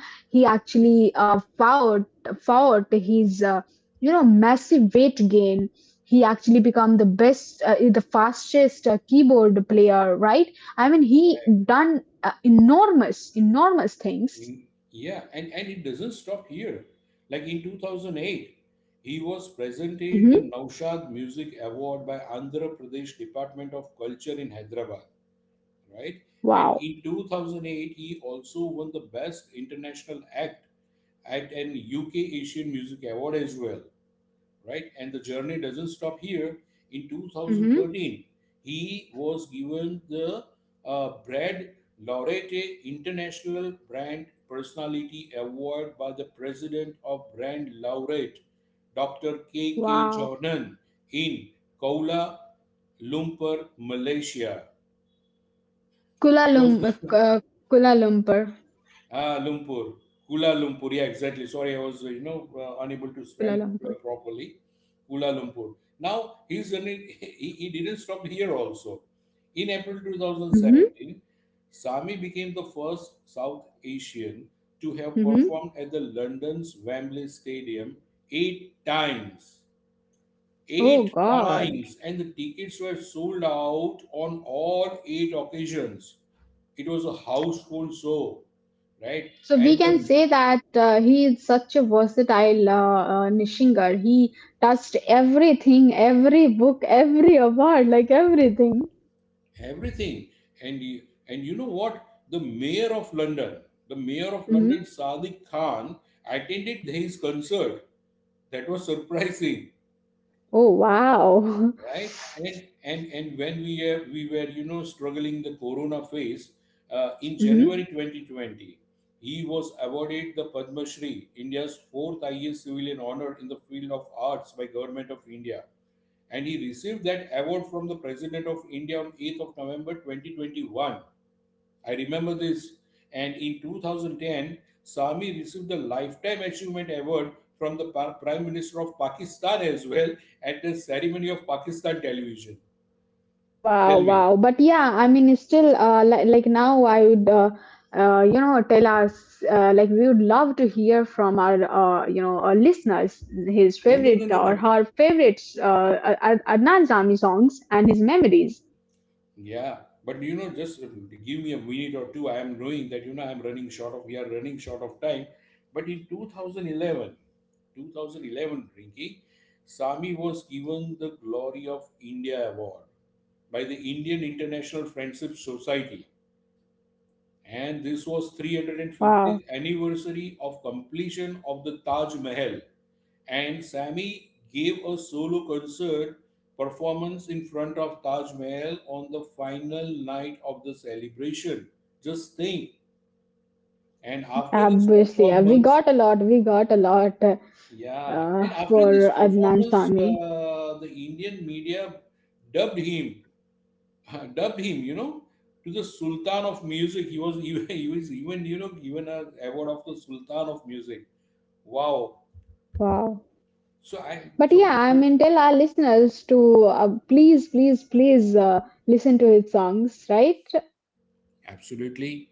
He actually fought his massive weight gain. He actually become the best, the fastest keyboard player, right? I mean, he done enormous, enormous things. In- yeah, and it doesn't stop here. Like in 2008, he was presented the Hmm. Naushad Music Award by Andhra Pradesh Department of Culture in Hyderabad, right? And Wow. in 2008, he also won the Best International Act at an UK Asian Music Award as well, right? And the journey doesn't stop here. In Hmm. 2013, he was given the Brad Laurete International Brand Personality Award by the president of Brand Laureate, Dr. K. K. Wow. Jordan, in Kuala Lumpur, Malaysia. He Kuala was Lumpur, Kuala Lumpur, Ah, Lumpur, Kuala Lumpur. Yeah, exactly. Sorry, I was unable to Kuala spell Lumpur. Properly. Kuala Lumpur. Now he's an, he didn't stop here also. In April Hmm. 2017, Sami became the first South Asian to have Hmm. performed at the London's Wembley Stadium eight times Oh God. And the tickets were sold out on all eight occasions. It was a household show, right? So we And can the say that he is such a versatile, Nishinger. He touched everything, every book, every award, like everything. everything, and and you know what? The mayor of London, the mayor of Hmm. London, Sadiq Khan, attended his concert. That was surprising. Oh wow. Right, and and when we were you know struggling the corona phase in Hmm. January 2020 he was awarded the Padma Shri, India's fourth highest civilian honor in the field of arts by Government of India and he received that award from the president of India on 8th of November 2021. I remember this. And in 2010, Sami received the Lifetime Achievement Award from the Prime Minister of Pakistan as well at the ceremony of Pakistan television. Wow, Tell me. wow. But yeah, I mean, it's still, like now I would, tell us, like we would love to hear from our, our listeners his No, no, no, favorite no, no. or her favorite Adnan Sami songs and his memories. Yeah. But you know, just give me a minute or two. I am knowing that, you know, I'm running short of, we are running short of time. But in 2011, Rinki, Sami was given the Glory of India Award by the Indian International Friendship Society and this was Wow. 350th anniversary of completion of the Taj Mahal and Sami gave a solo concert performance in front of Taj Mahal on the final night of the celebration just think and after this Obviously, we performance got a lot. We got a lot yeah and after this for Adnan performance Sami. The Indian media dubbed him, you know, to the Sultan of Music. He was even he was even you know given a award of the Sultan of Music. Wow. Wow. So I But so yeah, I before mean, tell our listeners to please, please, please listen to his songs, right? absolutely.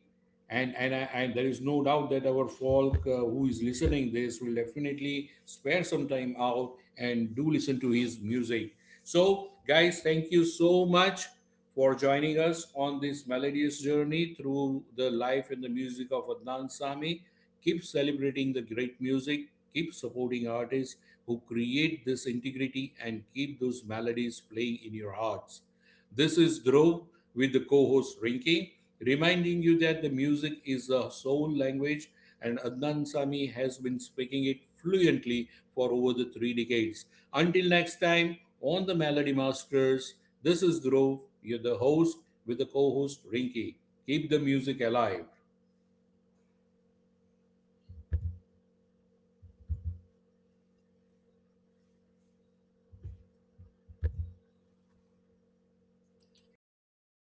And there is no doubt that our folk who is listening this will definitely spare some time out and do listen to his music. So, guys, thank you so much for joining us on this melodious journey through the life and the music of Adnan Sami. Keep celebrating the great music, keep supporting artists who create this integrity, and keep those melodies playing in your hearts. This is Dhruv with the co host Rinki, reminding you that the music is the soul language and Adnan Sami has been speaking it fluently for over the three decades. Until next time, on the Melody Masters, this is Dhruv, you're the host with the co host Rinki. Keep the music alive. Bye